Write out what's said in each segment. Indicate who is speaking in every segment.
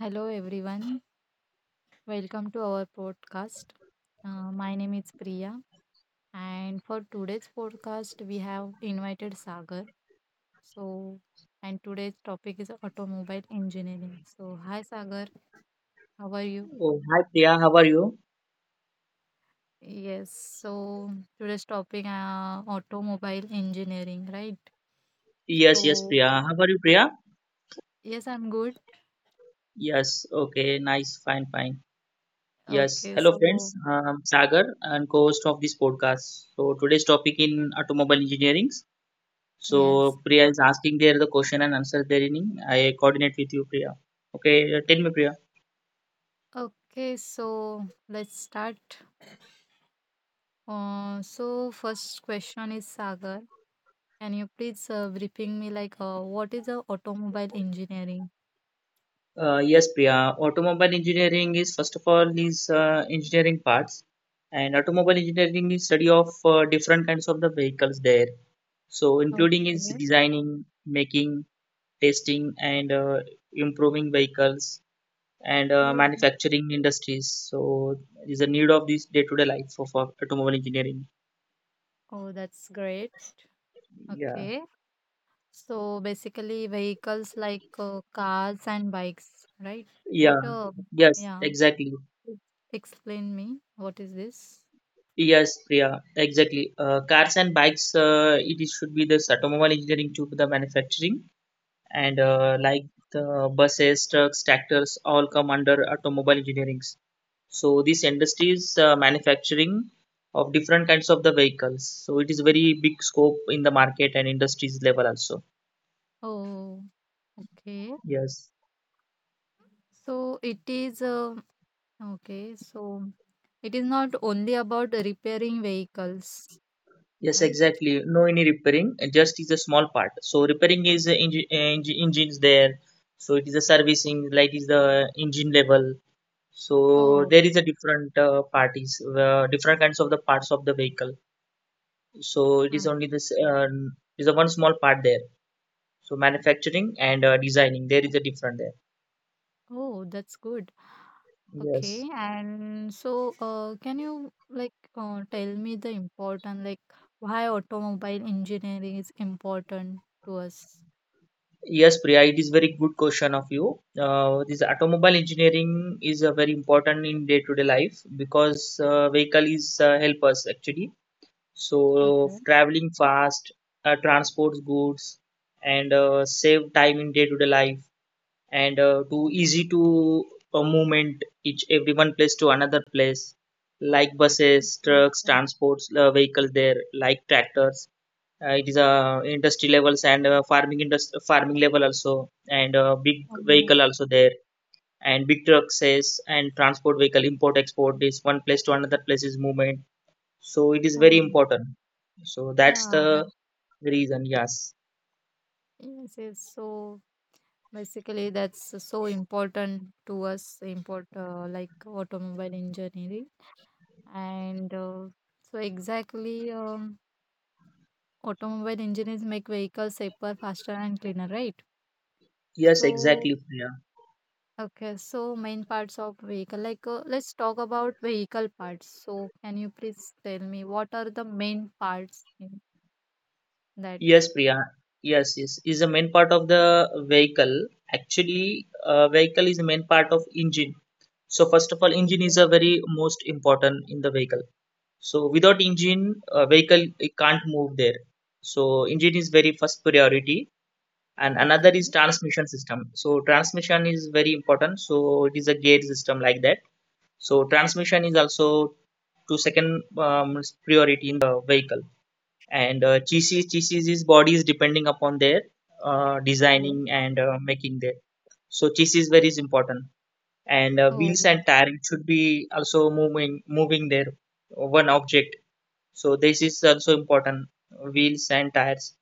Speaker 1: Hello, everyone. Welcome to our podcast. My name is Priya, and for today's podcast, we have invited Sagar. So, and today's topic is automobile engineering. So, hi Sagar, how are you?
Speaker 2: Oh, hi Priya, how are you?
Speaker 1: Yes, so today's topic automobile engineering, right?
Speaker 2: Yes, yes,
Speaker 1: So,
Speaker 2: Priya. How are you, Priya?
Speaker 1: yes, I'm good.
Speaker 2: Yes, okay, nice, fine, fine. Yes,
Speaker 1: Okay,
Speaker 2: hello
Speaker 1: so
Speaker 2: friends. Sagar and co-host of this podcast. So today's topic in automobile engineering.
Speaker 1: yes.
Speaker 2: So Priya is asking there the question and answer therein. I coordinate with you, Priya. Okay, tell me, Priya.
Speaker 1: Okay, so let's start. So first question is Sagar. Can you please briefing me like what is a automobile engineering?
Speaker 2: Yes, Priya. Automobile engineering is first of all is engineering parts, and automobile engineering is study of different kinds of the vehicles there. So, including
Speaker 1: Okay.
Speaker 2: is designing, making, testing, and improving vehicles and
Speaker 1: Oh, that-
Speaker 2: manufacturing industries. So, is a need of this day-to-day life of automobile engineering.
Speaker 1: Oh, that's great.
Speaker 2: Yeah,
Speaker 1: Okay. So basically vehicles like cars and bikes, right?
Speaker 2: yeah,
Speaker 1: What uh,
Speaker 2: yes,
Speaker 1: yeah,
Speaker 2: exactly.
Speaker 1: please explain me what is this?
Speaker 2: Yes, Priya, exactly. Cars and bikes, should be this automobile engineering to the manufacturing, and like the buses, trucks, tractors, all come under automobile engineering. So this industry is manufacturing of different kinds of the vehicles. So it is very big scope in the market and industries level also.
Speaker 1: Oh, okay.
Speaker 2: Yes.
Speaker 1: So it is okay. So it is not only about repairing vehicles,
Speaker 2: Yes,
Speaker 1: right?
Speaker 2: exactly. No any repairing, just is a small part. So repairing is engines there. So it is a servicing, like is the engine level. So
Speaker 1: Oh,
Speaker 2: there is a different parties, different kinds of the parts of the vehicle. So it is
Speaker 1: I-
Speaker 2: only this is a one small part there. So manufacturing and designing, there is a different there.
Speaker 1: oh, that's good.
Speaker 2: Yes.
Speaker 1: Okay, and so can you like tell me the important like why automobile engineering is important to us?
Speaker 2: Yes, Priya, it is very good question of you. This automobile engineering is very important in day-to-day life because vehicle is help us actually. So
Speaker 1: Okay.
Speaker 2: traveling fast, transports goods, and save time in day-to-day life, and to easy to movement each every one place to another place, like buses,
Speaker 1: Okay,
Speaker 2: trucks,
Speaker 1: okay.
Speaker 2: transports, vehicles there, like tractors it is a industry levels and farming industry farming level also, and big
Speaker 1: Um,
Speaker 2: vehicle also there, and big trucks is- and transport vehicle, import export is one place to another place is movement. So it is very
Speaker 1: Oh,
Speaker 2: important, so that's
Speaker 1: yeah,
Speaker 2: the
Speaker 1: like
Speaker 2: reason. Yes,
Speaker 1: yes, it's so basically that's so important to us, import like automobile engineering. And so exactly automobile engineers make vehicles safer, faster and cleaner, right?
Speaker 2: yes,
Speaker 1: So
Speaker 2: exactly, Priya.
Speaker 1: okay, so main parts of vehicle. Like, let's talk about vehicle parts. So, can you please tell me what are the main parts in that?
Speaker 2: Yes, Priya. Yes, yes, is the main part of the vehicle actually. Vehicle is the main part of engine. So first of all, engine is
Speaker 1: Okay.
Speaker 2: a very most important in the vehicle. So without engine, vehicle it can't move there. So engine is very first priority, and another
Speaker 1: Okay.
Speaker 2: is transmission system. So transmission is very important. So it is a gate system like that. So transmission is also to second priority in the vehicle. And chassis's body is depending upon their
Speaker 1: Yes.
Speaker 2: designing and making there. So chassis is very important, and wheels
Speaker 1: Oh,
Speaker 2: and tire should be also moving their one object. So this is also important, wheels and tires.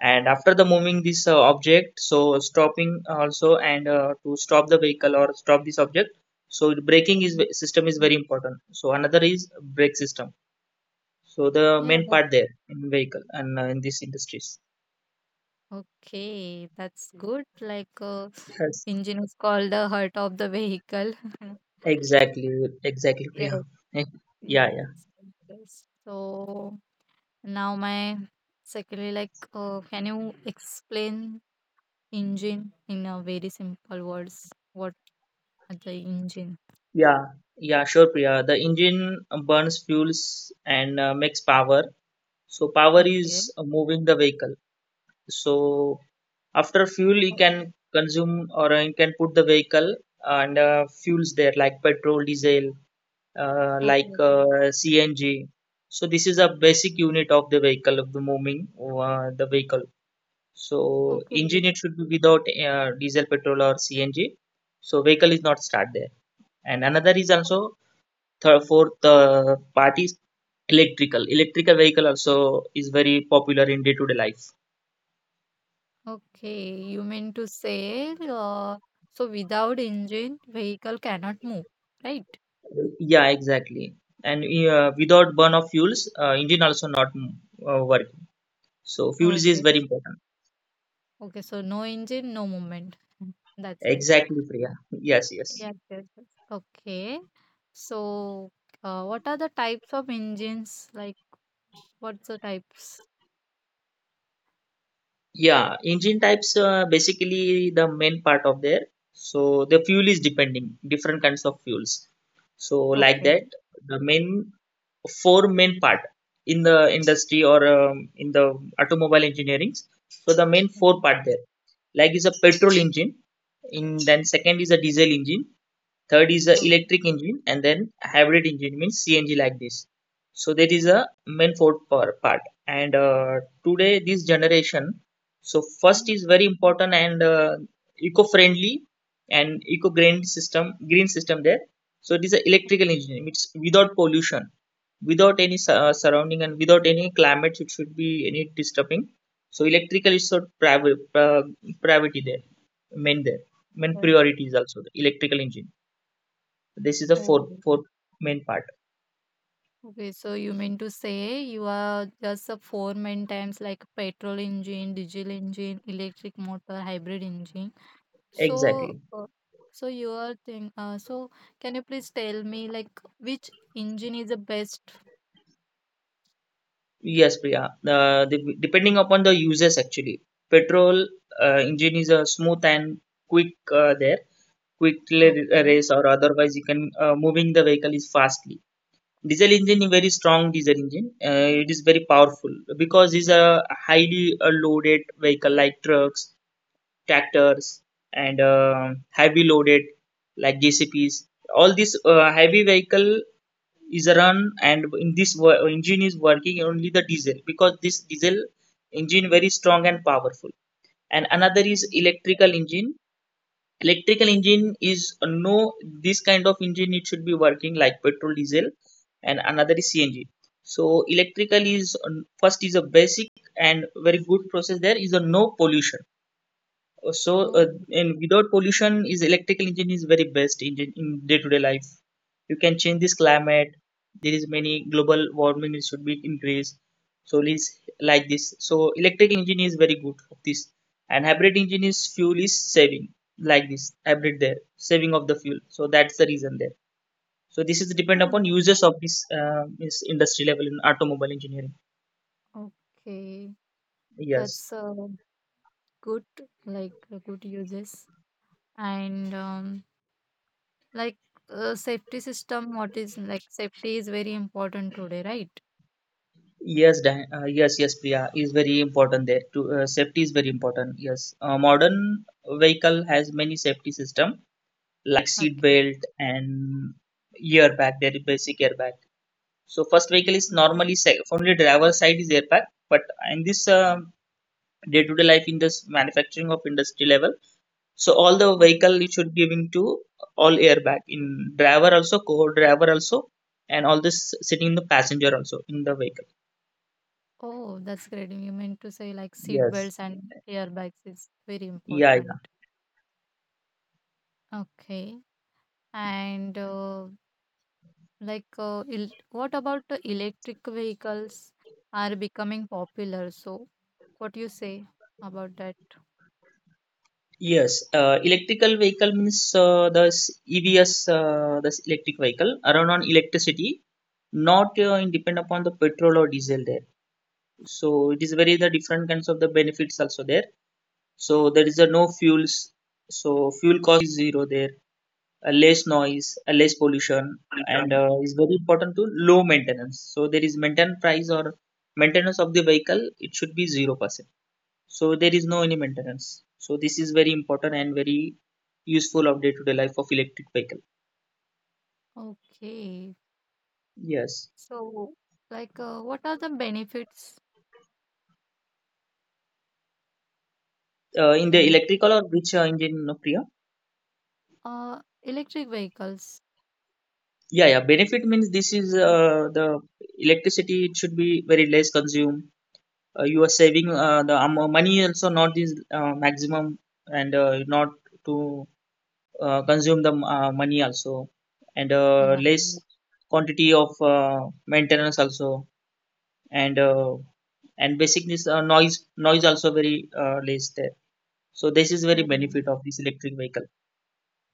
Speaker 2: And after the moving this object, so stopping also, and to stop the vehicle or stop this object, so the braking is
Speaker 1: mm,
Speaker 2: system is very important. So another is brake system, so the
Speaker 1: yeah.
Speaker 2: main part there in vehicle and in these industries.
Speaker 1: Okay, that's good. Like,
Speaker 2: Yes,
Speaker 1: engine is called the heart of the vehicle.
Speaker 2: exactly, exactly.
Speaker 1: Yes,
Speaker 2: Yeah. Yeah,
Speaker 1: yes,
Speaker 2: yeah,
Speaker 1: yes. So now my secondly, like, can you explain engine in a very simple words? What At engine.
Speaker 2: yeah, yeah, sure, Priya. The engine burns fuels and makes power. So power
Speaker 1: Okay.
Speaker 2: is moving the vehicle. So after fuel, you
Speaker 1: O-
Speaker 2: can consume or you can put the vehicle and fuels there like petrol, diesel, like
Speaker 1: Okay.
Speaker 2: CNG. So this is a basic unit of the vehicle of the moving the vehicle. So
Speaker 1: Okay.
Speaker 2: engine
Speaker 1: Okay.
Speaker 2: it should be without diesel, petrol or CNG. So vehicle is not start there. And another is also third, fourth the part is electrical. Electrical vehicle also is very popular in day-to-day life.
Speaker 1: Okay, you mean to say, so without engine, vehicle cannot move, right?
Speaker 2: Yeah, exactly. And without burn of fuels, engine also not working. So fuels is
Speaker 1: Okay.
Speaker 2: very
Speaker 1: so-
Speaker 2: important.
Speaker 1: Okay. So no engine, no movement. That's right.
Speaker 2: Exactly, Priya. Yes, yes.
Speaker 1: Yes, yes, yes. Okay. So, what are the types of engines? Like, what's the types?
Speaker 2: Yeah, engine types basically the main part of there. So the fuel is depending different kinds of fuels. So like
Speaker 1: Okay.
Speaker 2: that, the main four main part in the industry or in the automobile engineering, so the main four
Speaker 1: Mhm.
Speaker 2: part there like is a petrol engine in, then second is a diesel engine, third is a electric
Speaker 1: Okay.
Speaker 2: engine, and then hybrid engine means cng like this. So there is a main four part. And today this generation, so first
Speaker 1: Mhm.
Speaker 2: is very important and eco-friendly and eco-green system there. So it is an electrical engine, it's without pollution, without any surrounding and without any climates it should be any disturbing. So electrical is so private priority there, main there main
Speaker 1: Yeah.
Speaker 2: priority is also the electrical engine. This is the fourth
Speaker 1: Oh.
Speaker 2: fourth main part.
Speaker 1: Okay, so you mean to say you are just a four main types like petrol engine, diesel engine, electric motor, hybrid engine. So,
Speaker 2: Exactly.
Speaker 1: so you are think. Can you please tell me like which engine is the best?
Speaker 2: Yes, Priya. Uh, the, depending upon the users, actually petrol engine is a smooth and quick there quickly
Speaker 1: Okay.
Speaker 2: race or otherwise you can moving the vehicle is fastly. Diesel engine is very strong, diesel engine it is very powerful because it's a highly loaded vehicle like trucks, tractors, and heavy loaded like jcps, all this heavy vehicle is run, and in this engine is working only the diesel because this diesel engine very strong and powerful. And another is
Speaker 1: Okay.
Speaker 2: electrical engine, electrical engine is no this kind of engine it should be working like petrol, diesel, and another is cng. So electrical is first is a basic and very good process, there is a no pollution. So,
Speaker 1: Oh.
Speaker 2: and without pollution, is electrical engine is very best engine in day to day life. You can change this climate. There is many global warming it should be increased. So, is like this. So, electrical engine is very good of this, and hybrid engine is fuel is saving like this hybrid there saving of the fuel. So that's the reason there. So this is depend upon
Speaker 1: Oh.
Speaker 2: uses of this this industry level in automobile engineering.
Speaker 1: Okay.
Speaker 2: Yes.
Speaker 1: That's good. Like good uses and like safety system. What is like safety is very important today, right?
Speaker 2: Yes, Dan, yes, yes, Priya is very important there. Safety is very important. Yes, modern vehicle has many safety system like seat
Speaker 1: Okay.
Speaker 2: belt and airbag. There is basic airbag. So first vehicle is normally safe. Only driver side is airbag, but in this day-to-day life in this manufacturing of industry level, so all the
Speaker 1: Okay.
Speaker 2: vehicle you should giving to all airbag in driver also, co-driver also, and all this sitting in the passenger also in the vehicle.
Speaker 1: Oh, that's great. You meant to say like seat
Speaker 2: Yes.
Speaker 1: belts and airbags is very
Speaker 2: Yeah, yeah.
Speaker 1: important. Okay. And like, el what about the electric vehicles are becoming popular? So, what do you say about that?
Speaker 2: Yes, electrical vehicle means the EVs, this electric vehicle, run on electricity, not in depend upon the petrol or diesel there. So it is very the different kinds of the benefits also there. So there is a no fuels, so fuel cost is zero there, a less noise, a less pollution, and is very important to low maintenance. So there is maintenance price or maintenance of the vehicle, it should be 0%, so there is no any maintenance, so this is very important and very useful of day to day life of electric vehicle.
Speaker 1: Okay.
Speaker 2: Yes,
Speaker 1: So, like, what are the benefits?
Speaker 2: in the
Speaker 1: Can you,
Speaker 2: electrical or which engine, no, Priya.
Speaker 1: electric vehicles?
Speaker 2: Yeah, yeah, benefit means this is the electricity it should be very less consumed, you are saving the money also not this maximum, and not to consume the money also, and
Speaker 1: Yeah.
Speaker 2: less quantity of maintenance also, and uh, and basically noise also very less there. So this is very benefit of this electric vehicle.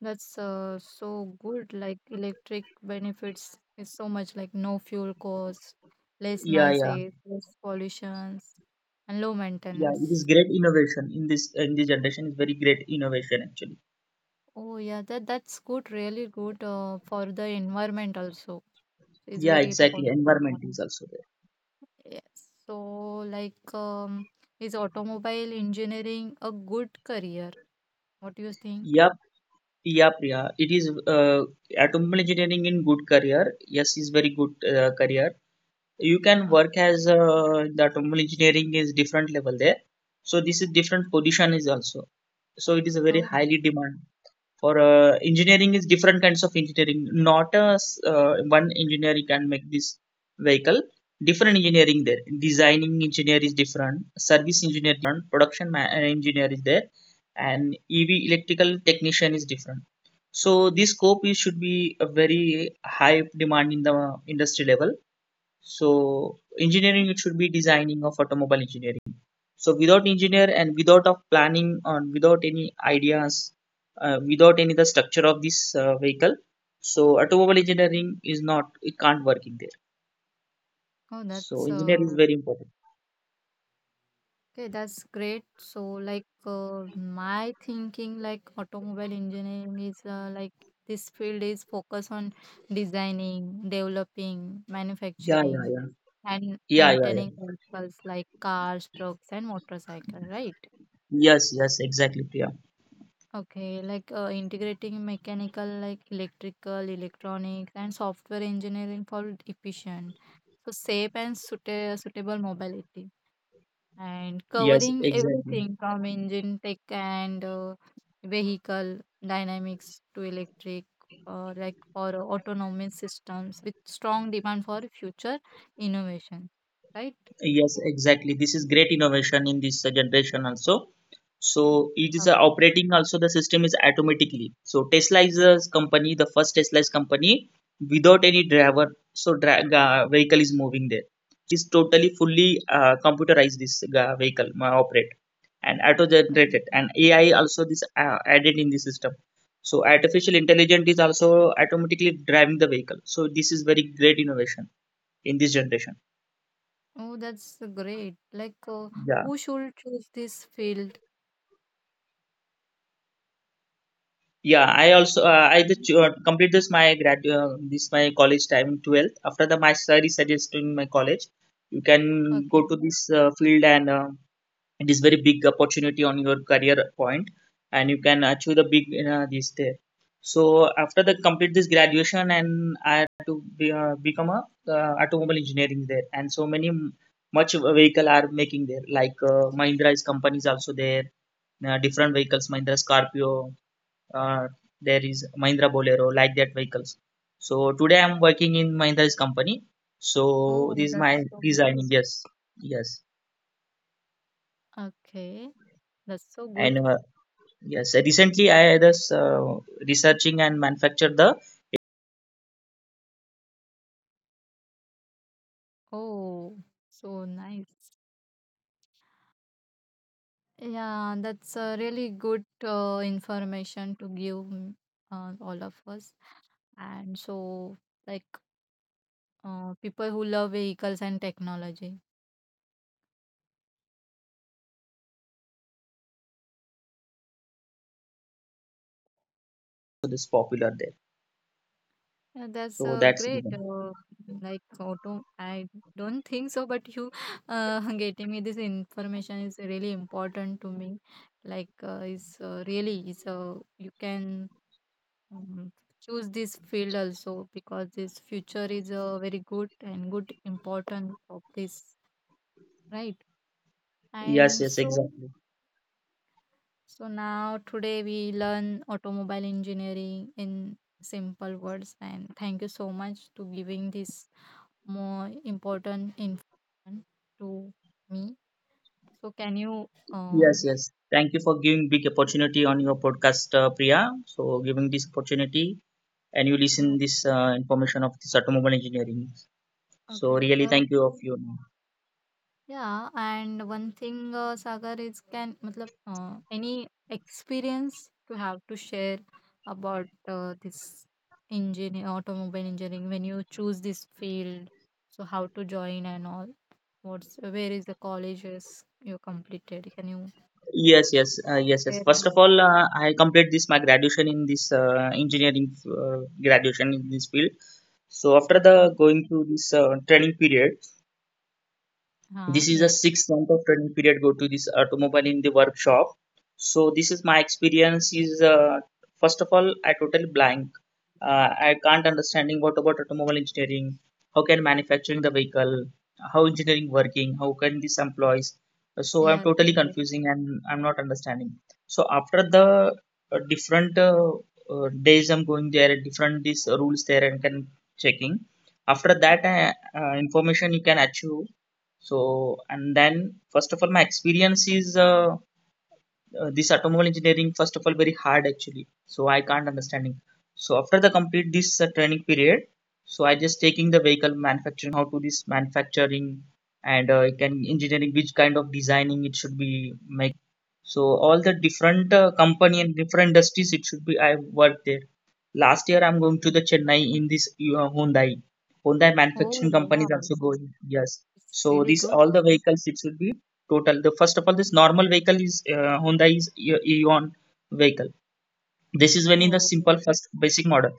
Speaker 1: That's so good. Like electric benefits is so much like no fuel cost, less
Speaker 2: Yeah,
Speaker 1: noise,
Speaker 2: yeah,
Speaker 1: less pollutions, and low
Speaker 2: yeah, it is
Speaker 1: maintenance.
Speaker 2: great innovation in this generation is very great innovation actually.
Speaker 1: Oh yeah, that's good. Really good for the environment also. It's
Speaker 2: Yeah,
Speaker 1: very
Speaker 2: exactly,
Speaker 1: important for
Speaker 2: environment is
Speaker 1: environment.
Speaker 2: also there.
Speaker 1: Yes. So like, is automobile engineering a good career? What do you think?
Speaker 2: Yep, yep, yeah, it is uh, automobile engineering in good career. Yes, is very good career, you can work
Speaker 1: Okay.
Speaker 2: as the automobile engineering is different level there. So this is different position is also, so it is a very
Speaker 1: Oh,
Speaker 2: highly demand for engineering is different kinds of engineering, not a one engineer can make this vehicle, different engineering there, designing engineer is different, service engineer different, production engineer is there, and ev electrical technician is different. So this scope is should be a very high demand in the industry level. So
Speaker 1: okay.
Speaker 2: engineering it should be designing of automobile engineering. So without engineer and without of planning and without any ideas, without any the structure of this vehicle, so automobile engineering is not it can't work in there.
Speaker 1: Oh,
Speaker 2: So
Speaker 1: that's
Speaker 2: engineer is very important.
Speaker 1: Okay, that's great. So, like, my thinking, like, automobile engineering is like this field is focused on designing, developing,
Speaker 2: Yeah, yeah,
Speaker 1: manufacturing,
Speaker 2: yeah,
Speaker 1: and
Speaker 2: yeah, yeah, yeah.
Speaker 1: maintaining vehicles like cars, trucks, and motorcycles, right?
Speaker 2: Yes, yes, exactly, Priya.
Speaker 1: Okay, like integrating mechanical, like electrical, electronics, and software engineering for efficient, so safe and suitable mobility, and
Speaker 2: Yes,
Speaker 1: covering
Speaker 2: exactly.
Speaker 1: everything from engine tech and vehicle dynamics to electric or autonomous systems with strong demand for future innovation, right?
Speaker 2: Yes, exactly. This is great innovation in this generation also. So it is
Speaker 1: Okay,
Speaker 2: operating also the system is automatically. So Tesla is a company, the first Tesla is company without
Speaker 1: yeah.
Speaker 2: any driver. So vehicle is moving there. So it is totally fully computerized this vehicle operate and auto generated,
Speaker 1: Mhm.
Speaker 2: and AI also this added in the system. So artificial intelligence is also automatically driving the vehicle. So this is very great innovation in this generation.
Speaker 1: Oh, that's great, like
Speaker 2: Yeah.
Speaker 1: who should choose this field.
Speaker 2: Yeah, I also
Speaker 1: Mhm.
Speaker 2: complete this my grad this my college time in twelfth. After the my sir is suggesting my college, you can go
Speaker 1: Okay,
Speaker 2: to this field and it is very big opportunity on your career point, and you can achieve the big this there. So after the complete this graduation, and I had to be, become a automobile engineering there, and so many much vehicle are making there like Mahindra's companies also there, different vehicles Mahindra Scorpio uh, there is Mahindra Bolero, like that vehicles. So today I'm working in Mahindra's company. So
Speaker 1: oh,
Speaker 2: this is my
Speaker 1: that's so
Speaker 2: designing.
Speaker 1: great.
Speaker 2: Yes, yes,
Speaker 1: Okay, that's so
Speaker 2: and
Speaker 1: good.
Speaker 2: yes. Recently I was researching and manufactured the
Speaker 1: Oh, so nice. Yeah, that's a really good information to give all of us. And so, like people who love vehicles and technology.
Speaker 2: is popular there.
Speaker 1: Yeah, that's
Speaker 2: So that's the
Speaker 1: great.
Speaker 2: reason.
Speaker 1: I don't think so, but you getting me this information is really important to me. Like, is really is you can um, choose this field also because this future is very good and good important of this, right?
Speaker 2: Yes,
Speaker 1: And
Speaker 2: yes,
Speaker 1: so,
Speaker 2: exactly.
Speaker 1: so now today we learn automobile engineering in simple words. And thank you so much to giving this more important information to me. So can you
Speaker 2: Yes, yes. Thank you for giving big opportunity on your podcast, Priya. So giving this opportunity and you
Speaker 1: uh,
Speaker 2: listen this information of this automobile engineering. So
Speaker 1: okay
Speaker 2: really,
Speaker 1: uh,
Speaker 2: thank you of
Speaker 1: so
Speaker 2: you.
Speaker 1: yeah, and one thing, Sagar, is can matlab, any experience to have to share about this engineer, automobile engineering when you choose this field. So how to join and all. What's where is the colleges you completed? Can you
Speaker 2: Yes, yes, yes, yes.
Speaker 1: share
Speaker 2: First
Speaker 1: this?
Speaker 2: of all, I complete this my graduation in this engineering graduation in this field. So after
Speaker 1: Okay.
Speaker 2: the going through this training period,
Speaker 1: Huh.
Speaker 2: this is the
Speaker 1: Yeah.
Speaker 2: sixth month of training period go to this automobile in the workshop. So this is my experience is first of all I totally blank. I can't understanding what about automobile engineering, how can manufacturing the vehicle, how engineering working, how can this employs. So I'm
Speaker 1: Yeah.
Speaker 2: totally
Speaker 1: Great.
Speaker 2: confusing and I'm not understanding. So after the different days I'm going there, different these rules there and can checking. After that
Speaker 1: Okay.
Speaker 2: information you can achieve so and then first of all my experience is this automobile engineering first of all very hard actually so I can't understanding. So after the complete this training period, so I just taking the vehicle manufacturing how to this manufacturing and can engineering which kind of designing it should be making so all the different company and different industries it should be I worked there last year. I'm going to the Chennai in this Hyundai. Hyundai
Speaker 1: Oh
Speaker 2: manufacturing company is
Speaker 1: wow,
Speaker 2: also going. Yes,
Speaker 1: it's
Speaker 2: so
Speaker 1: really
Speaker 2: this
Speaker 1: good.
Speaker 2: all the vehicles it should be total the first of all this normal vehicle is Honda is Eon vehicle. This is when in the
Speaker 1: Oh.
Speaker 2: simple first basic model,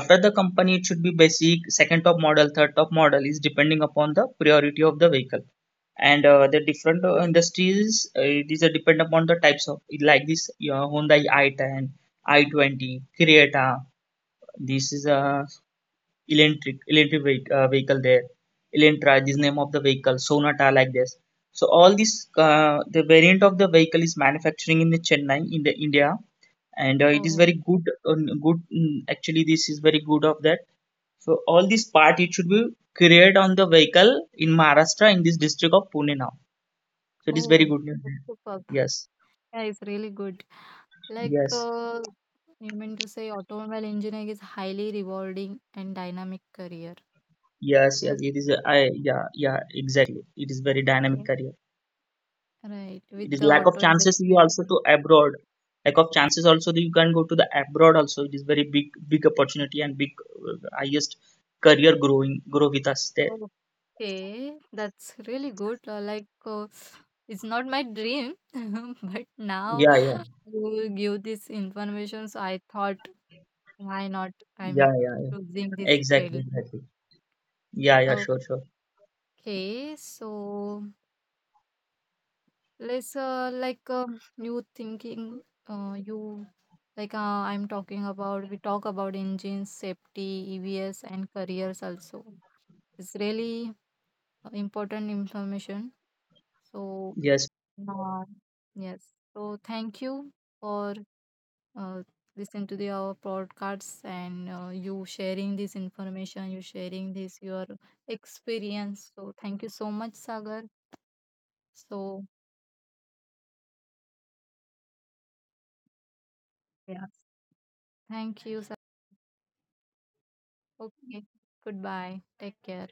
Speaker 2: after the company it should be basic second top model, third top model is depending upon the priority of the vehicle and the different industries these are depend upon the types of like this Honda i10, i20, Creta. This is a electric vehicle there, Elentra, this name of the vehicle, Sonata, like this. So all this the variant of the vehicle is manufacturing in the Chennai in the India and it is
Speaker 1: Oh.
Speaker 2: very good. Actually, this is very good of that. So all this part it should be created on the vehicle in Maharashtra in this district of Pune now. So it is very
Speaker 1: Oh.
Speaker 2: good
Speaker 1: It's
Speaker 2: news.
Speaker 1: superb.
Speaker 2: Yes,
Speaker 1: Yeah, it's really good. Like,
Speaker 2: yes,
Speaker 1: you mean to say automobile engineering is highly rewarding and dynamic career.
Speaker 2: yes, yes,
Speaker 1: Yes.
Speaker 2: it is I, yeah, yeah, exactly, it is very dynamic
Speaker 1: Yeah.
Speaker 2: career.
Speaker 1: Right.
Speaker 2: It
Speaker 1: With
Speaker 2: is
Speaker 1: the
Speaker 2: lack of
Speaker 1: auto
Speaker 2: chances you
Speaker 1: industry.
Speaker 2: also
Speaker 1: Yeah.
Speaker 2: to abroad, lack of chances also you can go to the abroad also. It is very big big opportunity and big highest career growing grow with us there.
Speaker 1: Okay. That's really good. Like, it's not my dream, but now
Speaker 2: Yeah, yeah,
Speaker 1: you give this information, so I thought, why not? I'm
Speaker 2: yeah, yeah, yeah,
Speaker 1: choosing this
Speaker 2: exactly,
Speaker 1: field.
Speaker 2: exactly, yeah, yeah, sure, sure,
Speaker 1: Okay. So let's you thinking you like I'm talking about we talk about engines, safety, EVs, and careers also. It's really important information. So
Speaker 2: yes.
Speaker 1: uh, yes, so thank you for uh, listening to the our podcasts and you sharing this information, you sharing this your experience. So thank you so much, Sagar. So yes, thank you. Okay. Goodbye. Take care.